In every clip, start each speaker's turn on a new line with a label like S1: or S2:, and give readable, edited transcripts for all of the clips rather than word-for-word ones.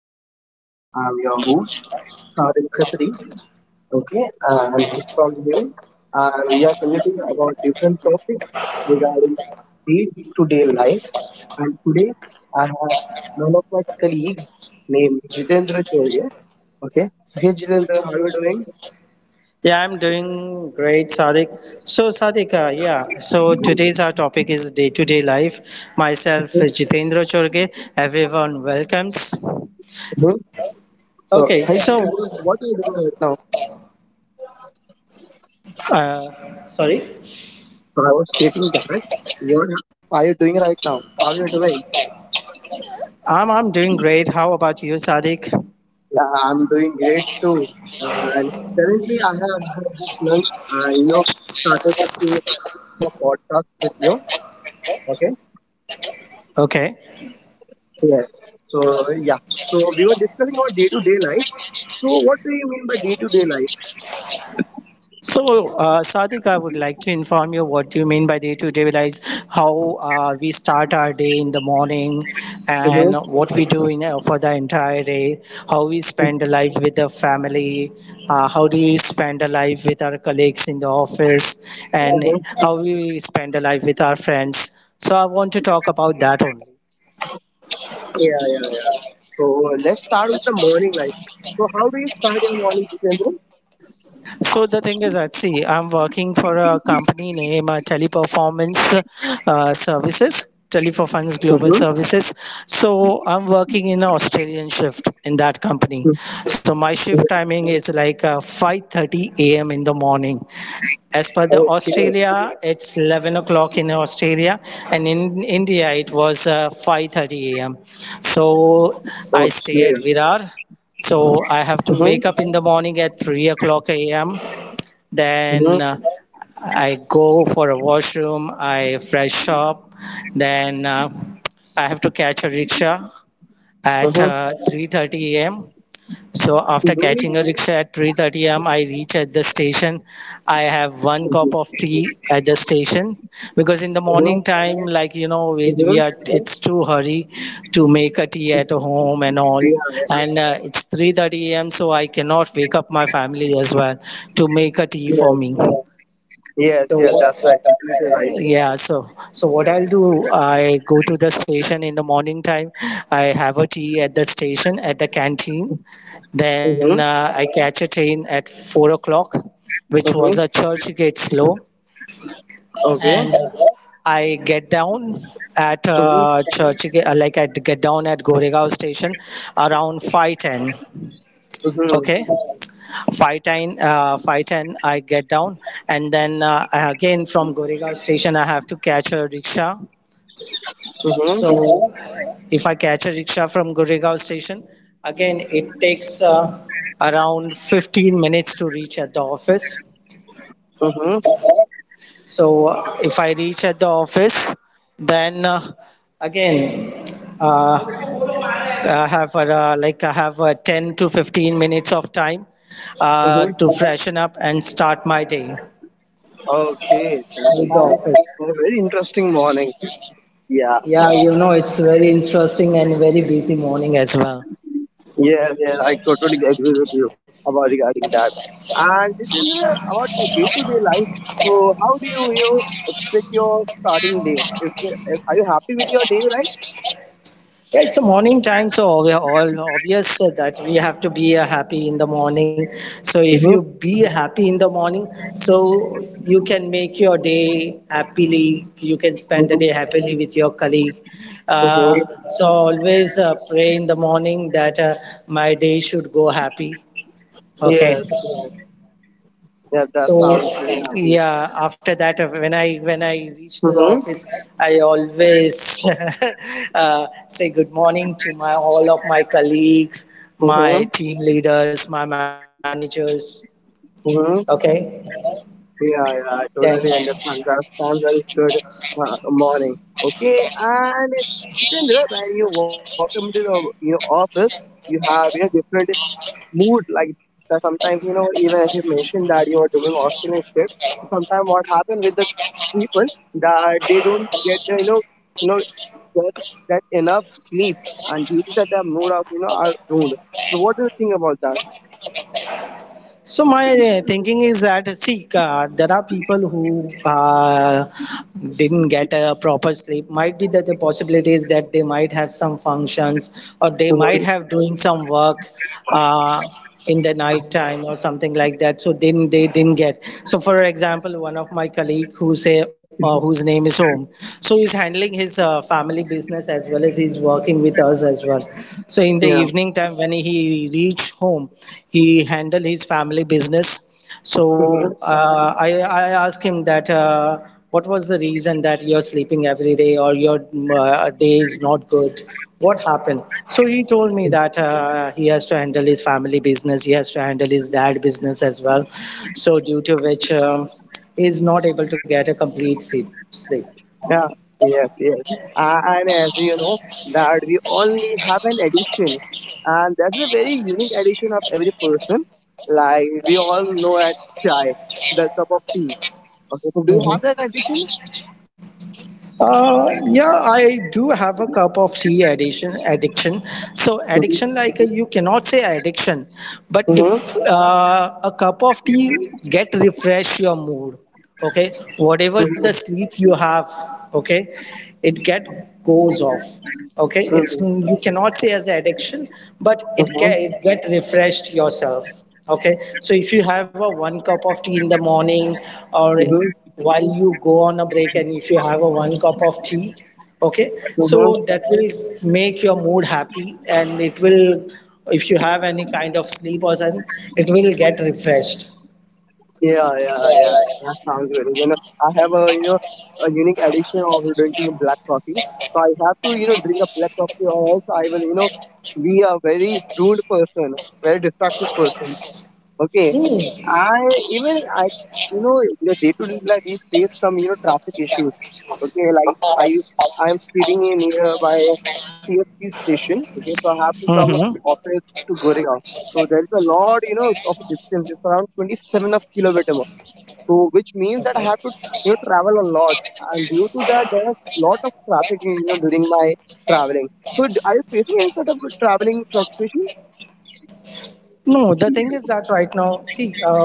S1: today I'm your host, Sarin Khatri. Okay, and from here, we are talking about different topics regarding day to day life. And today, I have one of my colleague named Jitendra Choria. Okay, so hey Jitendra, how are you doing?
S2: Yeah, I'm doing great, Sadiq. So, Sadiq, yeah, so today's our topic is day to day life. Myself,
S1: Okay,
S2: Jitendra Chorge, everyone welcomes.
S1: good. So,
S2: Okay,
S1: hi
S2: so,
S1: Jitendra, what are you doing right now?
S2: sorry,
S1: So, I was stating that. What are you doing right now? How are you doing?
S2: I'm doing great. How about you, Sadiq?
S1: Yeah, I'm doing great too. And currently, I have had just lunch. Uh, you know, started to do a podcast with you. Okay.
S2: Okay.
S1: Yes. So yeah. So we were discussing about day-to-day life. So what do you mean by day-to-day life?
S2: So, Sadiq, I would like to inform you what you mean by day-to-day life, how we start our day in the morning,
S1: You
S2: and
S1: know.
S2: what we do for the entire day, how we
S1: it-
S2: spend a life with the family, how do we spend a life with our colleagues in the office, and
S1: Uh-huh.
S2: how we spend a life with our friends. So, I want to talk about that only.
S1: Yeah, yeah, yeah. So let's start with the morning life. So how do you start your morning, Jitendra?
S2: So the thing is that, see, I'm working for a company named Teleperformance Services, Teleperformance
S1: Mm-hmm.
S2: Global Services. So I'm working in an Australian shift in that company. So my shift timing is like 5:30 a.m. in the morning. As per the
S1: Okay.
S2: Australia, it's 11 o'clock in Australia, and in India it was 5:30 a.m. So I stay
S1: Okay.
S2: at Virar. So I have to
S1: Mm-hmm.
S2: wake up in the morning at 3 o'clock a.m. Then
S1: Mm-hmm.
S2: I go for a washroom, I fresh up, then I have to catch a rickshaw at
S1: Mm-hmm.
S2: 3:30 a.m. So after catching a
S1: Mm-hmm.
S2: rickshaw at 3:30 a.m., I reach at the station. I have one cup of tea at the station because in the
S1: Mm-hmm.
S2: morning time, like you know, we are
S1: Mm-hmm.
S2: it's too hurry to make a tea at home and
S1: Yeah,
S2: all.
S1: yeah,
S2: And it's 3:30 a.m., so I cannot wake up my family as well to make a tea for
S1: yeah.
S2: me.
S1: Yes,
S2: So
S1: yes, that's right. Completely right.
S2: yeah, so what I'll do, I go to the station in the morning time. I have a tea at the station at the canteen. Then
S1: Mm-hmm.
S2: I catch a train at 4 o'clock, which was a
S1: Mm-hmm.
S2: Churchgate slow,
S1: Okay.
S2: and I get down at
S1: Mm-hmm.
S2: Churchgate. Like I get down at Goregaon station around 5:10.
S1: Mm-hmm.
S2: Okay, 5:10, 5:10. I get down, and then again from Goregaon station, I have to catch a rickshaw.
S1: Mm-hmm.
S2: So if I catch a rickshaw from Goregaon station, again, it takes around 15 minutes to reach at the office.
S1: Mm-hmm.
S2: So if I reach at the office, then again, uh, I have 10 to 15 minutes of time
S1: Mm-hmm.
S2: to freshen up and start my day
S1: Okay. That
S2: with the
S1: sounds
S2: office.
S1: a very interesting morning. Yeah.
S2: Yeah, it's very interesting and very busy morning as well.
S1: Yeah, yeah. I totally agree with you about regarding that. And this is about your day-to-day life. So how do you expect your starting day? Are you happy with your day, right?
S2: Yeah, it's a morning time, so all obvious that we have to be happy in the morning. So if you
S1: Mm-hmm.
S2: be happy in the morning, so you can make your day happily. You can spend the
S1: Mm-hmm.
S2: day happily with your colleague. Uh,
S1: Mm-hmm.
S2: so always pray in the morning that my day should go happy. Okay,
S1: Yes, yes. Yeah, that
S2: so,
S1: sounds very happy.
S2: yeah, after that, when I reach the
S1: Mm-hmm.
S2: office, I always say good morning to my all of my colleagues,
S1: Mm-hmm.
S2: my team leaders, my managers.
S1: Mm-hmm.
S2: Okay,
S1: Yeah, yeah,
S2: then.
S1: I totally understand. That sounds very good morning. Okay, and Jitendra, when you walk into the your office, you have a different mood. Like that sometimes, you know, even if you mentioned that you are doing Australian shift, sometimes what happens with the people that they don't get, you know, get that enough sleep, and due to that, their mood of are ruined. So, what do you think about that?
S2: So my thinking is that, see, there are people who didn't get a proper sleep. Might be that the possibility is that they might have some functions or they
S1: Mhm.
S2: might have doing some work uh, in the night time or something like that. So then they didn't get. So for example, one of my colleague whose name is Om, so he's handling his family business as well as he's working with us as well. So in the
S1: Yeah.
S2: evening time when he reached home, he handle his family business. So
S1: Mhm.
S2: I asked him that what was the reason that you're sleeping every day, or your day is not good, what happened. So he told me that he has to handle his family business, he has to handle his dad business as well. So due to which he is not able to get a complete sleep.
S1: Yeah, yes, yes. And as you know, that we only have an addiction, and that's a very unique addiction of every person. Like we all know at chai, the cup of tea. Okay, so do you have that
S2: Mm-hmm.
S1: addiction?
S2: Yeah, I do have a cup of tea addiction. So
S1: Mm-hmm.
S2: addiction, like you cannot say addiction, but
S1: Mm-hmm.
S2: if a cup of tea get refresh your mood, okay? Whatever the sleep you have, okay, it get goes off, okay, it's
S1: Mm-hmm.
S2: you cannot say as an addiction, but it
S1: Mm-hmm.
S2: can get refreshed yourself, okay. So if you have a one cup of tea in the morning, or
S1: Mm-hmm.
S2: while you go on a break, and if you have a one cup of tea, okay, so
S1: Mm-hmm.
S2: that will make your mood happy, and it will, if you have any kind of sleep or something, it will get refreshed.
S1: Yeah, yeah, yeah. That sounds very good. You know, I have a you know a unique addiction of drinking black coffee. So I have to drink a black coffee, or else I will be a very rude person, very destructive person. Okay,
S2: Hmm.
S1: I even I in the day to day life we face some traffic issues. Okay, like I am sitting in nearby TFT station. Okay, so I have to come
S2: Mhm.
S1: office to Goregaon. So there is a lot of distance. It's around 27 of kilometer so which means that I have
S2: Okay.
S1: to travel a lot, and due to that there is lot of traffic during my traveling. So are you facing any sort of traveling frustration?
S2: No, the thing is that right now, see,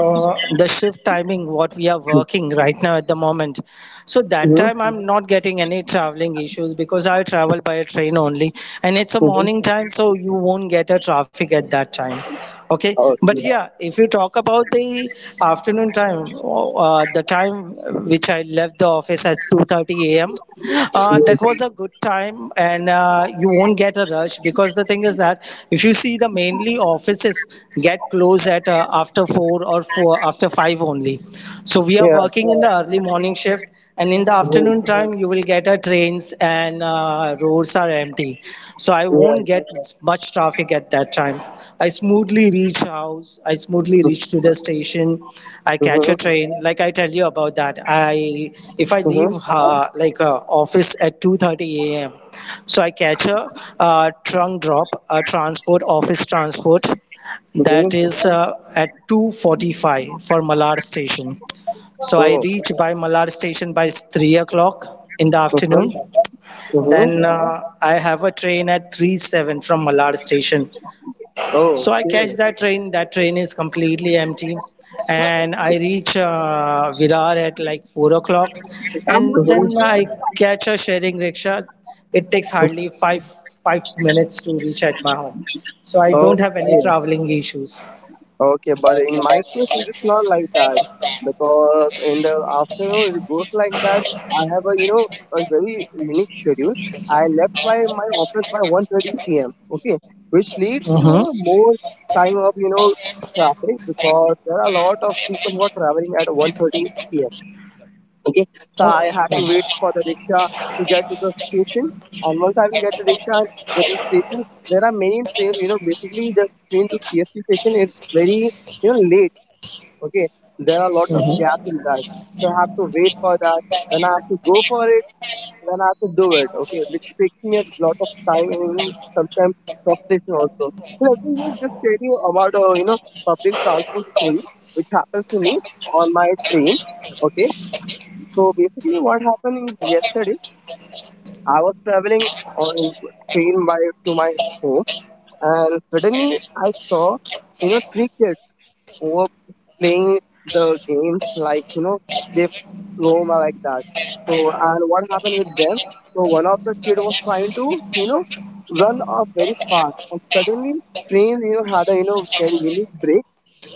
S2: the shift timing, what we are working right now at the moment. So that
S1: Mm-hmm.
S2: time I'm not getting any traveling issues because I travel by a train only, and it's a
S1: Mm-hmm.
S2: morning time, so you won't get a traffic at that time. Okay, but
S1: Okay.
S2: yeah, if you talk about the afternoon time, the time which I left the office at 2:30 a.m.,
S1: Mhm.
S2: that was a good time, and you won't get a rush because the thing is that if you see the mainly offices get closed at after four or four after five only. So we are
S1: Yeah.
S2: working in the early morning shift, and in the
S1: Mhm.
S2: afternoon time, you will get a trains, and roads are empty, so I
S1: Yeah.
S2: won't get much traffic at that time. I smoothly reach house, I smoothly reach to the station, I catch a
S1: Mhm.
S2: train. Like I tell you about that, I if I leave
S1: Mhm.
S2: office at 2:30 a.m., so I catch a trunk drop, a transport office transport
S1: Mhm.
S2: that is at 2:45 for Malad station. So I
S1: Oh.
S2: reach by Malad station by 3 o'clock in the
S1: Mhm.
S2: afternoon,
S1: Mhm.
S2: then I have a train at 3-7 from Malad station.
S1: Oh.
S2: So I catch
S1: Okay.
S2: that train. That train is completely empty. And I reach Virar at like 4 o'clock. And then I
S1: Mhm.
S2: catch a sharing rickshaw. It takes hardly 5 minutes to reach at my home. So I
S1: Oh.
S2: don't have any traveling issues.
S1: Okay, but in my case, it is not like that because in the afternoon it goes like that. I have a you know a very unique schedule. I left by my office by 1:30 p.m. Okay, which leads
S2: Mm-hmm.
S1: to a more time of traffic because there are a lot of people who are traveling at 1:30 p.m. Okay, so I had to wait for the rickshaw to get to the station. And once I will get the rickshaw, get to the station, there are many trains. You know, basically the train to CST station is very late. Okay, there are a lot of
S2: Mm-hmm.
S1: gaps in that, so I have to wait for that. Then I have to go for it. Then I have to do it. Okay, which takes me a lot of time and even sometimes frustration also. So let me just tell you about a public transport story which happens to me on my train. Okay, so basically, what happened is yesterday? I was traveling on train by to my home, and suddenly I saw, you know, three kids who were playing the games like they roam like that. So and what happened with them? So one of the kid was trying to run off very fast, and suddenly train had a very unique break.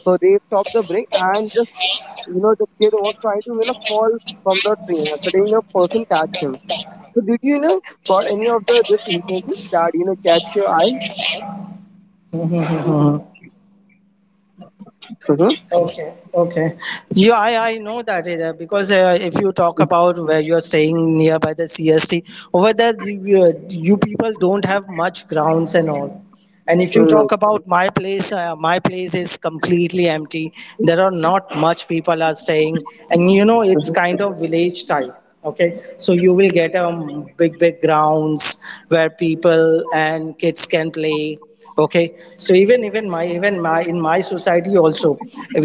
S1: So they stopped the break and the kid was trying to fall from the train and suddenly, a person catch him. So did you got any of the this instances that catch your eye?
S2: Mm-hmm.
S1: Mm-hmm.
S2: Okay, okay. Yeah, I know that area because if you talk about where you're staying nearby the CST, over there you people don't have much grounds and all. And if you
S1: Mm-hmm.
S2: talk about my place is completely empty. There are not much people are staying, and it's
S1: Mm-hmm.
S2: kind of village type. Okay, so you will get big big grounds where people and kids can play. Okay, so even even my in my society also,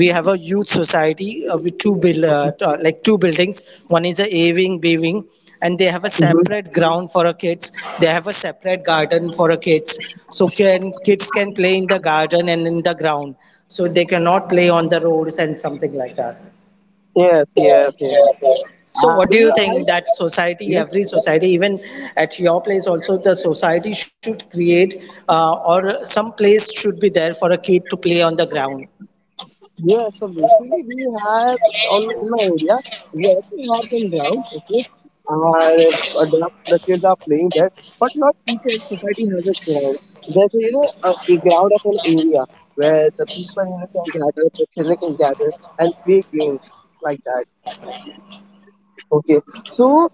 S2: we have a youth society with two buildings. One is A wing, B wing, and they have a
S1: Mm-hmm.
S2: separate ground for our kids, they have a separate garden for our kids, so can kids can play in the garden and in the ground, so they cannot play on the roads and something like that.
S1: Yes, yes, yes.
S2: So what
S1: And
S2: do
S1: do
S2: you think, that society
S1: yes,
S2: every society even at your place also, the society should create, or some place should be there for a kid to play on the ground.
S1: yeah, so basically we have on in my area, we also have some grounds, okay? And the kids are playing there, but not each society has a ground. There's a, you know a ground of an area where the people can gather, the children can gather and play games like that. Okay, so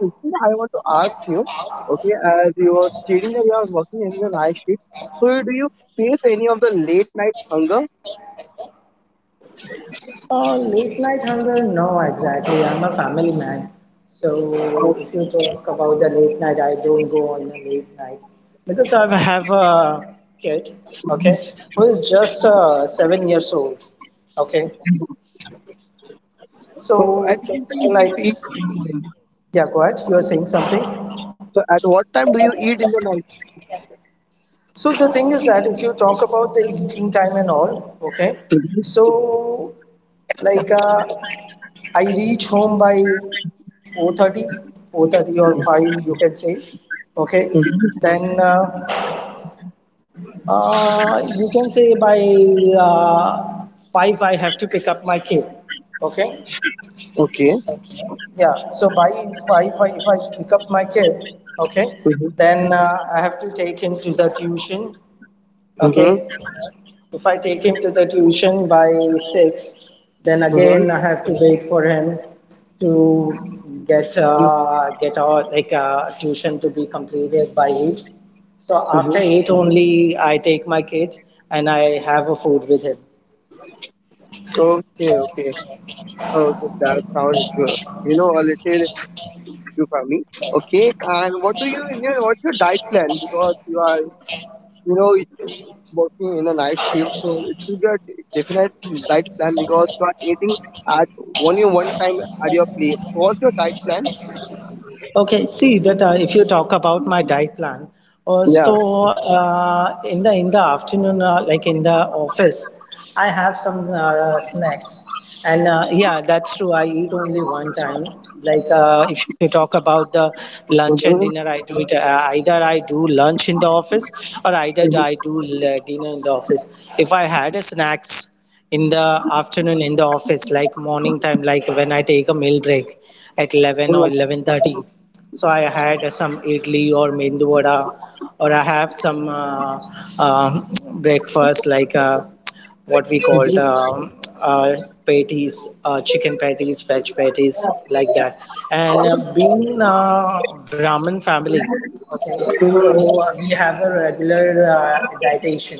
S1: Sushil, I want to ask you, okay, as you are stating that you are working in the night shift, so do you face any of the late night hunger?
S2: Oh, late night hunger? No, exactly. I'm a family man. So if you talk about the late night, I don't go on a late night because I have a kid, okay, who is just 7 years old, okay.
S1: So at
S2: So,
S1: what time do you
S2: like,
S1: eat?
S2: yeah, go ahead. You are saying something.
S1: So at what time do you eat in the night?
S2: So the thing is that if you talk about the eating time and all, okay, so like I reach home by 430 4:30 or 5, you can say, okay,
S1: Mhm.
S2: then you can say by uh, 5, I have to pick up my kid, okay,
S1: Okay.
S2: yeah. So by 5, if I pick up my kid, okay,
S1: Mm-hmm.
S2: then I have to take him to the tuition,
S1: Mm-hmm.
S2: okay. If I take him to the tuition by six, then
S1: Mm-hmm.
S2: again I have to wait for him to get our, tuition to be completed by eight. So
S1: Mm-hmm.
S2: after eight only, I take my kid and I have a food with him.
S1: Okay. Okay. Oh, okay. That sounds good. You know, a little you for me. Okay. And what do what's your diet plan? Because you are, you know, working in a night shift, so it should be a definite diet plan because you are eating at only one time at your place. So what's your diet plan?
S2: Okay, see that if you talk about my diet plan,
S1: Yeah.
S2: in the afternoon, like in the office, I have some snacks, and yeah, that's true. I eat only one time. Like if you talk about the lunch and
S1: Mm-hmm.
S2: dinner, I do it either I do lunch in the office or either I do dinner in the office. If I had a snacks in the afternoon in the office, like morning time, like when I take a meal break at 11 or 11:30. So I had some idli or mendu vada, or I have some uh, breakfast like what we called uh, patties, chicken patties, veg patties, like that. And being Brahmin family, okay, so we have a regular dietitian.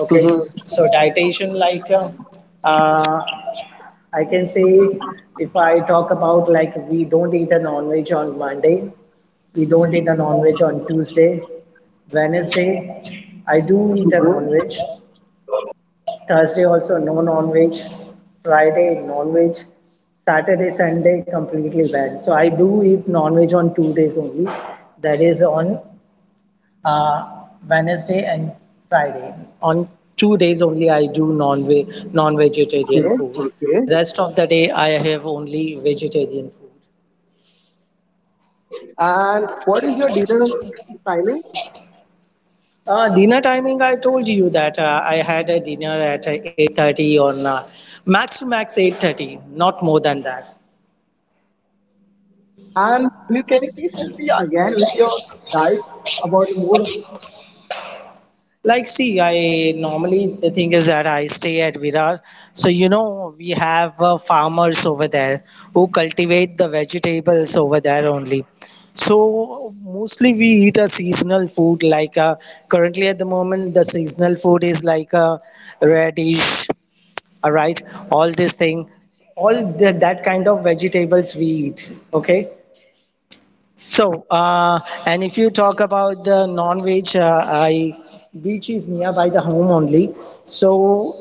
S2: Okay, so dietitian like uh, I can say if I talk about like we don't eat a non-veg on Monday, we don't eat a non-veg on Tuesday, Wednesday, I do eat a non-veg, Thursday also no non-veg, Friday non-veg, Saturday, Sunday completely banned. So I do eat non-veg on 2 days only, that is on uh, Wednesday and Friday. On 2 days only I do non-veg,
S1: Okay.
S2: non-vegetarian food.
S1: Okay.
S2: Rest of the day I have only vegetarian food.
S1: And what is your dinner timing?
S2: Dinner timing, I told you that I had a dinner at 8:30, on max to max 8:30, not more than that.
S1: And please, can you please help me again with your diet about more
S2: Like, see, I normally the thing is that I stay at Virar. So, you know, we have farmers over there who cultivate the vegetables over there only. So, mostly we eat a seasonal food. Like, currently at the moment, the seasonal food is like a radish, all right, all this thing, all the, that kind of vegetables we eat. Okay. So, and if you talk about the non-veg, beach is nearby the home only. So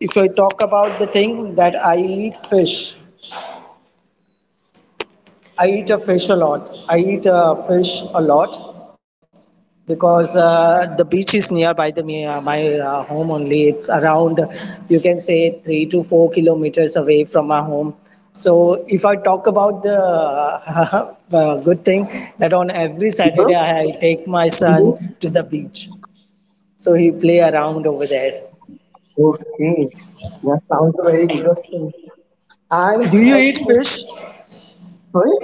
S2: if I talk about the thing that I eat fish, I eat a fish a lot. I eat a fish a lot, because the beach is nearby my home only. It's around, you can say, 3 to 4 kilometers away from my home. So if I talk about the good thing, that on every
S1: people?
S2: Saturday I take my son
S1: You
S2: to the beach, so he play around over there.
S1: okay? That sounds very interesting. And
S2: Do you
S1: as
S2: eat
S1: for
S2: fish?
S1: sorry,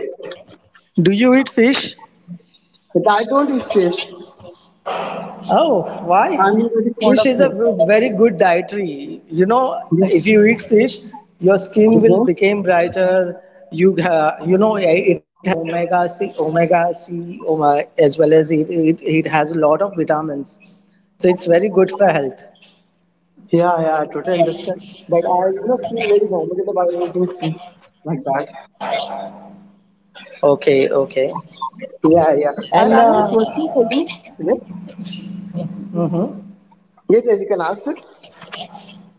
S2: Do you eat fish?
S1: but I don't eat fish.
S2: Oh,
S1: I'm really
S2: why?
S1: very fond
S2: Fish
S1: of
S2: is a
S1: fish.
S2: very good dietary. You know, if
S1: Yes,
S2: you eat fish, your
S1: to
S2: skin will
S1: go.
S2: become brighter. You know, it has omega C, as well as it has a lot of vitamins. So it's very good for health.
S1: Yeah, yeah, I totally understand. But I feel very comfortable about eating fish like that.
S2: Okay, okay.
S1: Yeah, yeah. And
S2: And
S1: I have a question for you. Philip.
S2: mhm.
S1: Yeah, yeah, you can ask it.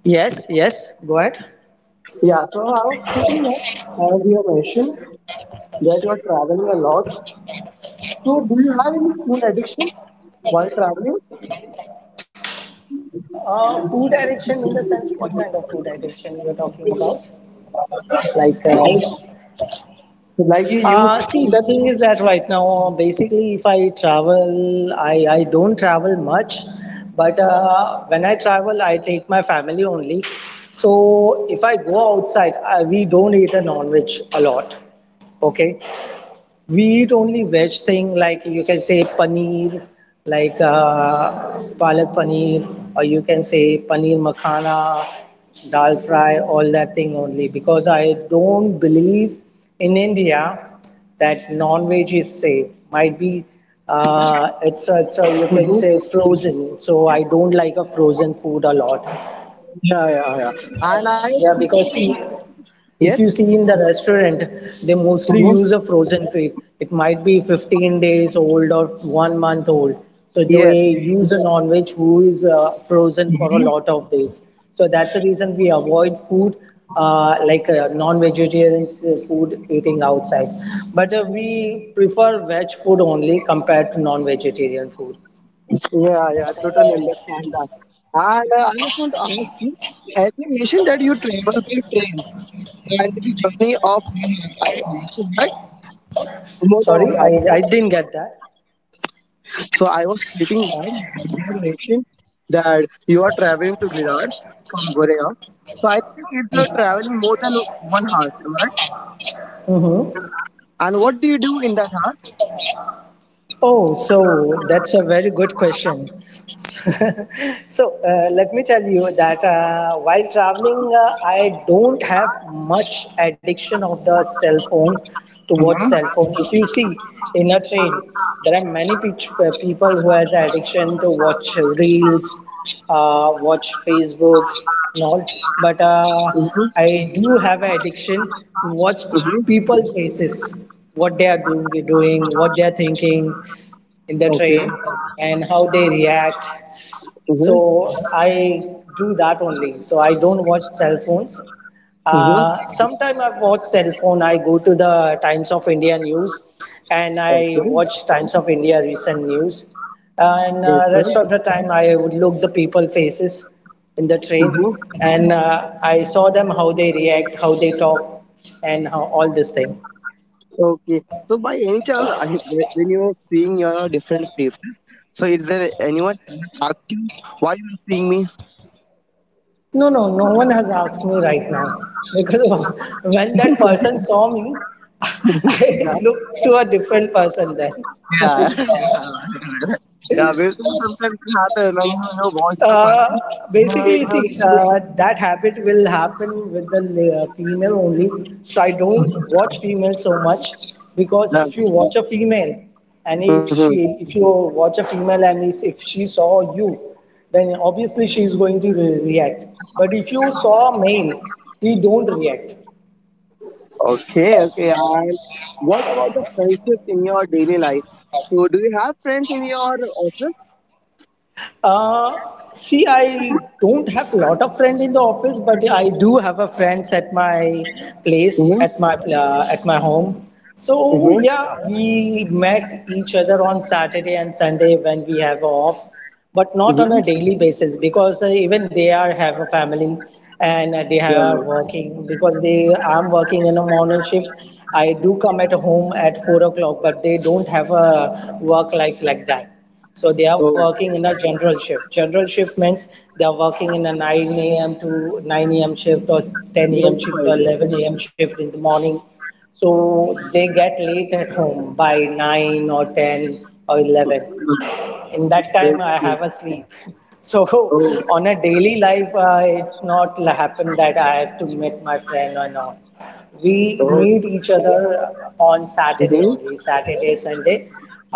S2: Yes, yes, go ahead.
S1: Yeah, so I was thinking that as you have mentioned that you are traveling a lot. So do you have any food addiction while traveling?
S2: Food addiction in the sense, what kind of food addiction you're talking about? Like,
S1: Like,
S2: uh.
S1: like you used
S2: See, the thing is that right now, basically, if I travel, I don't travel much, but when I travel, I take my family only. So if I go outside, I, we don't eat a non-veg a lot. Okay, we eat only veg thing like you can say paneer, like palak paneer, or you can say paneer makhana, dal fry, all that thing only, because I don't believe in India that non-veg is safe. Might be it's a, you
S1: to
S2: can
S1: do?
S2: say, frozen. So I don't like a frozen food a lot.
S1: Yeah, yeah, yeah. And I
S2: Yeah, because, see,
S1: yes,
S2: if you see in the restaurant, they mostly
S1: Mhm.
S2: use a frozen food. It might be 15 days old or 1 month old. So
S1: Yes,
S2: they use a non-veg who is frozen for a lot of days. So that's the reason we avoid food non vegetarian food eating outside. But we prefer veg food only compared to non-vegetarian food.
S1: yeah, yeah. Totally understand that. And I just want to ask you, as you mentioned that you travel by train and the journey of one right? More than
S2: Sorry,
S1: one.
S2: I didn't get that.
S1: So I was clicking that and you had mentioned that you are traveling to Virar from Gorea. So I think if you're traveling more than 1 hour, am I right?
S2: Mhm.
S1: And what do you do in that hour?
S2: Oh, so that's a very good question. So, let me tell you that
S1: Huh?
S2: while traveling, I don't have much addiction of the cell phone to watch
S1: Mhm,
S2: cell phone. If you see in a train, there are many people who has addiction to watch reels, watch Facebook and all. But
S1: mhm,
S2: I do have an addiction to watch
S1: mhm.
S2: people faces, what they are doing, what they are thinking in the
S1: Okay.
S2: train, and how they react.
S1: Mhm,
S2: So I do that only. So I don't watch cell phones.
S1: mhm.
S2: Sometime I watch cell phone. I go to the Times of India news, and I
S1: Okay.
S2: watch Times of India recent news. And Rest
S1: Okay.
S2: of the time, I would look the people faces in the train,
S1: Mhm.
S2: and I saw them how they react, how they talk, and how all this thing.
S1: Okay. So by any chance, when you are seeing your different face, so is there anyone who asked you why you are seeing me?
S2: No, no, no one has asked me right now, because when that person saw me,
S1: Yeah.
S2: I looked to a different person then.
S1: Yeah. Yeah, we sometimes it happens when you know watch the
S2: Uh,
S1: person. They,
S2: Basically, see,
S1: think
S2: that habit will happen with the female only. So I don't watch female so much, because
S1: that-
S2: if you watch a female and
S1: Mhm.
S2: if you watch a female, and if she saw you, then obviously she is going to react. But if you saw a male, he don't react.
S1: Okay, okay. And what about the friendship in your daily life? So, do you have friends in your office?
S2: See, I don't have a lot of friends in the office, but I do have a friends at my place,
S1: Mm-hmm.
S2: at my home. So
S1: Mm-hmm.
S2: yeah, we met each other on Saturday and Sunday when we have off, but not on a
S1: Mm-hmm.
S2: daily basis, because even they are have a family, and they
S1: Yeah.
S2: are working, because they I'm working in a morning shift. I do come at home at 4 o'clock, but they don't have a work life like that. So they are
S1: Oh,
S2: working in a general shift. General shift means they are working in a 9 a.m. to 9 a.m. shift or 10
S1: nine to
S2: a.m.
S1: five.
S2: shift or 11 a.m. shift in the morning. So they get late at home by 9 or 10 or 11.
S1: Mm,
S2: In that time I
S1: okay.
S2: have a sleep. So
S1: Oh,
S2: on a daily life, it's not happen that I have to meet my friend or not. We
S1: oh.
S2: meet each other on Saturday
S1: Mm-hmm.
S2: only, Saturday Sunday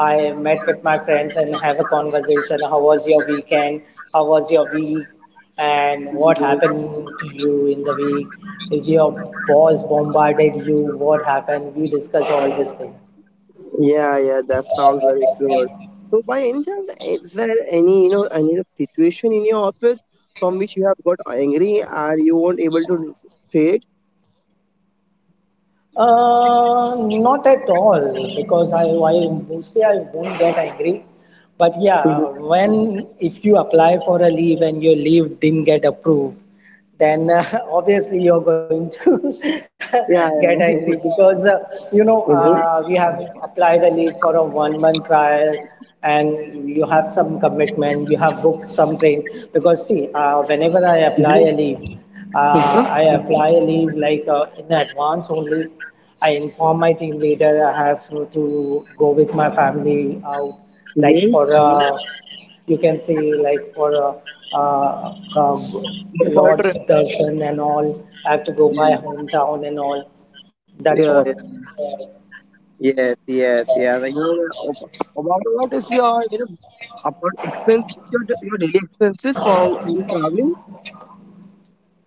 S2: I met with my friends and have a conversation, how was your weekend, how was your week, and what happened to you in the week, is your boss bombarded you, what happened, we discuss all these things.
S1: Yeah, yeah. That sounds very good. So, by any chance, is there any situation in your office from which you have got angry and you weren't able to say it?
S2: Not at all, because I mostly I won't get angry. But yeah,
S1: Mhm.
S2: when if you apply for a leave and your leave didn't get approved, then obviously you're going to get
S1: Yeah,
S2: angry,
S1: yeah.
S2: because you know
S1: Mhm.
S2: we have applied a leave for a 1 month trial, and you have some commitment, you have booked some train, because see whenever I apply
S1: Mhm.
S2: a leave,
S1: Mhm.
S2: I apply a leave like in advance only. I inform my team leader I have to go with my family out, like
S1: Mhm.
S2: for a, you can see, like for a, uh, uh, um,
S1: For
S2: Lord's
S1: trip.
S2: darshan and all, I have to go by hometown and all. That's what.
S1: Yeah, yeah. Yes, yes, yes. You know, about what is your, about expenses, your daily expenses for traveling?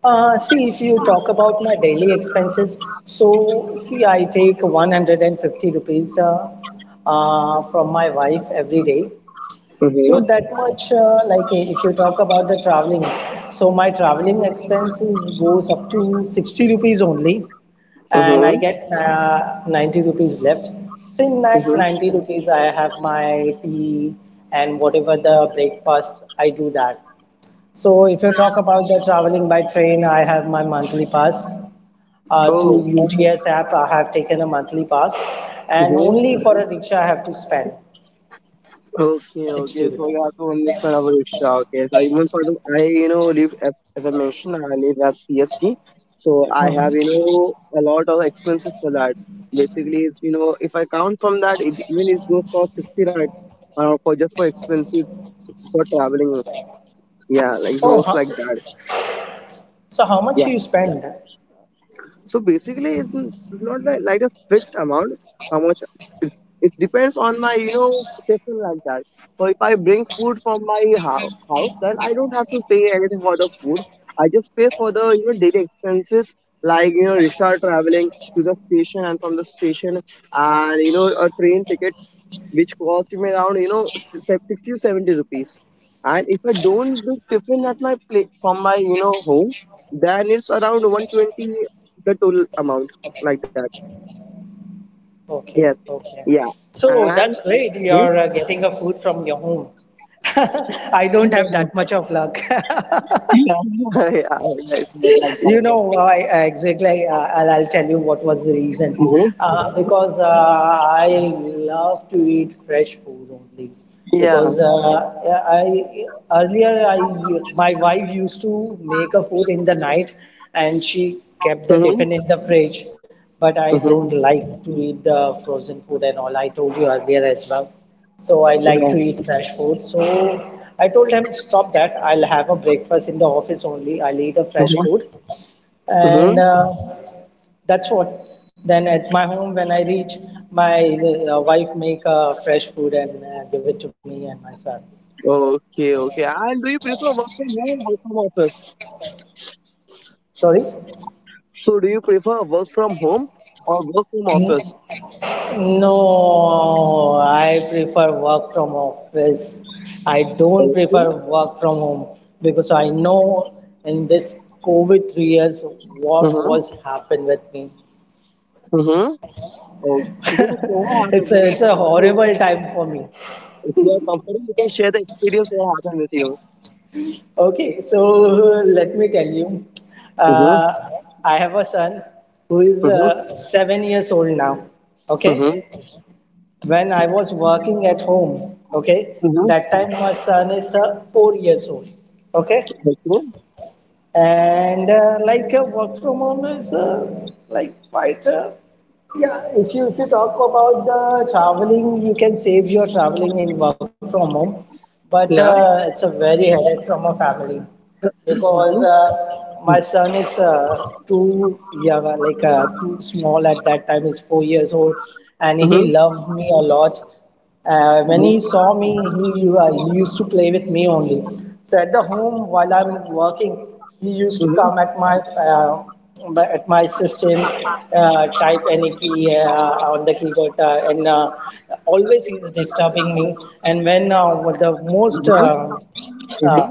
S2: See, if you talk about my daily expenses, so see, I take 150 rupees from my wife every day. So
S1: Mm-hmm.
S2: that much, if you talk about the traveling, so my traveling expenses goes up to 60 rupees only, and I
S1: Mm-hmm.
S2: get 90 rupees left. So in that 90 rupees, I have my tea and whatever the breakfast, I do that. So if you talk about the traveling by train, I have my monthly pass.
S1: Mm-hmm.
S2: To UTS app, I have taken a monthly pass, and
S1: Oh.
S2: only for a rickshaw, I have to spend
S1: Okay,
S2: 60
S1: okay. So you
S2: rupees.
S1: have to understand our Isha. Okay, so even for the, I, you know, live as I mentioned, I live as CST. So I have,
S2: Mhm.
S1: a lot of expenses for that. Basically, if I count from that, it goes for 60, right? For just for expenses for traveling. Yeah, like it
S2: Oh,
S1: works
S2: huh.
S1: like that.
S2: So how much you spend?
S1: So basically, it's not like a fixed amount. How much? It depends on my session like that. So if I bring food from my house, then I don't have to pay anything for the food. I just pay for the daily expenses like rickshaw traveling to the station and from the station and a train ticket which cost me around 60 to 70 rupees and if I don't do tiffin at my place from my home then it's around 120 the total amount like that. Yes,
S2: Okay, okay.
S1: yeah.
S2: So
S1: And
S2: that's great.
S1: this
S2: You're getting a food from your home. I don't have that much of luck.
S1: yeah, yeah, yeah, it's like
S2: You
S1: that.
S2: know, I exactly, I'll tell you what was the reason.
S1: Mhm.
S2: Because I love to eat fresh food only.
S1: Yeah.
S2: Because I my wife used to make a food in the night, and she kept the
S1: Hmm.
S2: tiffin in the fridge. But I don't
S1: Hmm.
S2: like to eat the frozen food and all. I told you earlier as well. So I like
S1: Yeah.
S2: to eat fresh food. So I told him, stop that. I'll have a breakfast in the office only. I'll eat a fresh
S1: Mm-hmm.
S2: food.
S1: Mm-hmm.
S2: And that's what. Then at my home, when I reach, my wife make fresh food and give it to me and my son.
S1: Okay, okay. And do you prefer work from home or work from office?
S2: Sorry?
S1: So, do you prefer work from home or work from
S2: N-
S1: office?
S2: No, I prefer work from office. I don't
S1: Okay.
S2: prefer work from home, because I know in this COVID 3 years what
S1: Mm-hmm.
S2: was happened with me.
S1: Mm-hmm. So through so happens in-
S2: It's a
S1: if you
S2: horrible time for me.
S1: if you are comfortable, you can share the experience what happened with you.
S2: Okay, so let me tell you,
S1: Mhm.
S2: uh, I have a son who is
S1: Mhm.
S2: 7 years old now. Okay,
S1: Mhm.
S2: when I was working at home, okay,
S1: Mhm.
S2: that time my son is 4 years old. Okay,
S1: Okay.
S2: and work from home is quite yeah, if you talk about the traveling, you can save your traveling in work from home, but
S1: Yeah.
S2: it's a very headache from a family, because
S1: Mhm.
S2: my son is too young, too small at that time. He's 4 years old, and
S1: Mhm. Mhm.
S2: he loved me a lot. When he saw me, he used to play with me only. So at the home, while I'm working, he used to
S1: Mhm.
S2: come at my system, type any key on the keyboard, and always he's disturbing me. And when the most
S1: Mhm.
S2: uh,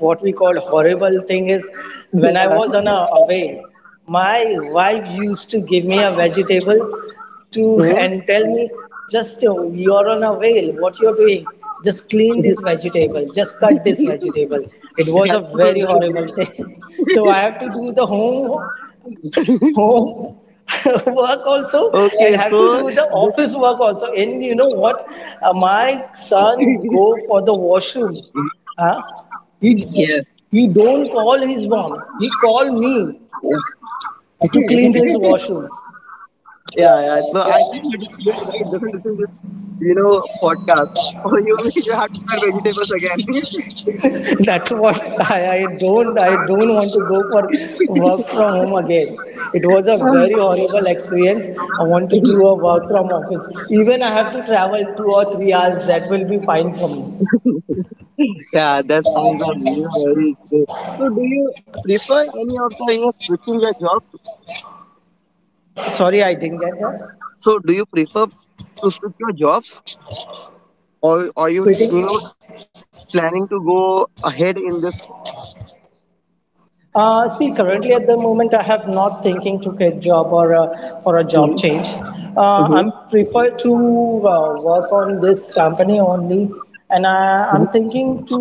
S2: what we called horrible thing is when I
S1: Mhm.
S2: was on a away, my wife used to give me a vegetable to
S1: Mhm.
S2: and tell me, just you're on a whale, what you're doing? Just clean this vegetable, just cut this vegetable. It
S1: That's
S2: was a
S1: very
S2: very
S1: great.
S2: horrible thing. So I have to do the home
S1: Okay,
S2: work
S1: so
S2: also, and have to do the office work also. And you know what? My son go for the washroom. Huh?
S1: yeah. Yeah,
S2: He he don't call his mom. He call me to clean his washroom.
S1: yeah. Yeah. So I think you're right. Don't listen to podcast, or you you have to eat vegetables
S2: That's what. I don't I don't want to go for work from home again. It was a
S1: again.
S2: very horrible experience. I want to do a work from office. Even I have to travel 2 or 3 hours. That will be fine for me.
S1: Yeah, that sounds like very good. So do you prefer any of the switching your job?
S2: Sorry, I didn't get that.
S1: So do you prefer to switch your jobs or are you you
S2: Quitting?
S1: know planning to go ahead in this
S2: See, currently at the moment, I have not thinking to get job or for a job
S1: Mhm,
S2: change. I'm
S1: mhm,
S2: prefer to work on this company only, and
S1: mhm,
S2: I'm thinking to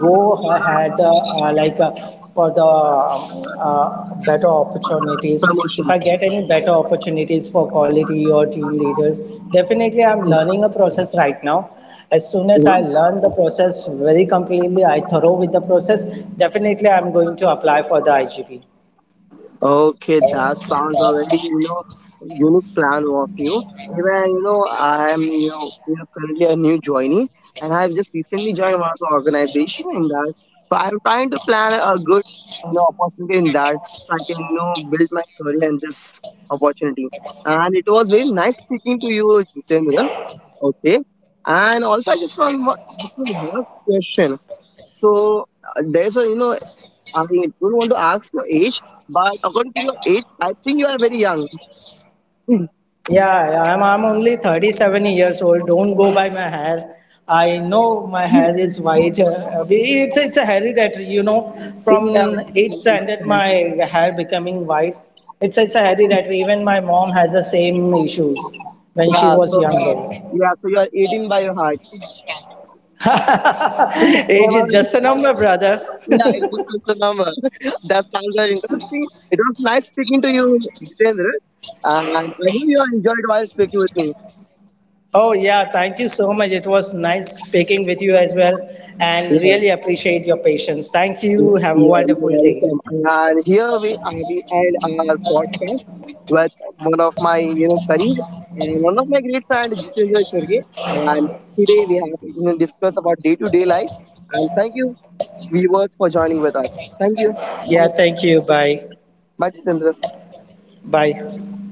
S2: go ahead uh, like uh, for the better opportunities.
S1: promotion?
S2: If I get any better opportunities for quality or team leaders, definitely I'm learning a process right now. As soon as I
S1: Mm-hmm.
S2: learn the process very completely, I thorough with the process, definitely I'm going to apply for the IGP.
S1: Okay, that sounds already, unique plan of you. Even, I'm, currently a new joinee and I've just recently joined one of the organization in that. So I'm trying to plan a good, opportunity in that so I can, build my career in this opportunity. And it was very nice speaking to you, Jitendra. Okay. And also, I just want to ask you question. So there's I don't want to ask your age, but according to your age, I think you are very young. Yeah,
S2: Yeah, yeah, I'm only 37 years old. Don't go by my hair. I know my hair is white. It's a hereditary, you know.
S1: yeah,
S2: From eighth standard, my hair becoming white. It's a hereditary. Even my mom has the same issues when she
S1: yeah,
S2: was
S1: so
S2: younger.
S1: yeah, so you are 18 by your heart.
S2: Age is
S1: Yeah,
S2: just a number, brother.
S1: it's just like the number. That sounds very interesting. It was nice speaking to you, Jitendra. And I hope you enjoyed while speaking with me.
S2: Oh, yeah, thank you so much. It was nice speaking with you as well, and
S1: Yeah,
S2: really appreciate your patience. Thank you.
S1: yeah,
S2: Have a
S1: yeah,
S2: wonderful
S1: yeah,
S2: day.
S1: welcome. And here we are, we end our podcast with one of my colleague and one of my great friend Jitendra Chorge. And today we have discuss about day to day life. And thank you viewers for joining with us. Thank you.
S2: Yeah,
S1: Bye.
S2: thank you. Bye.
S1: Bye Jitendra.
S2: Bye.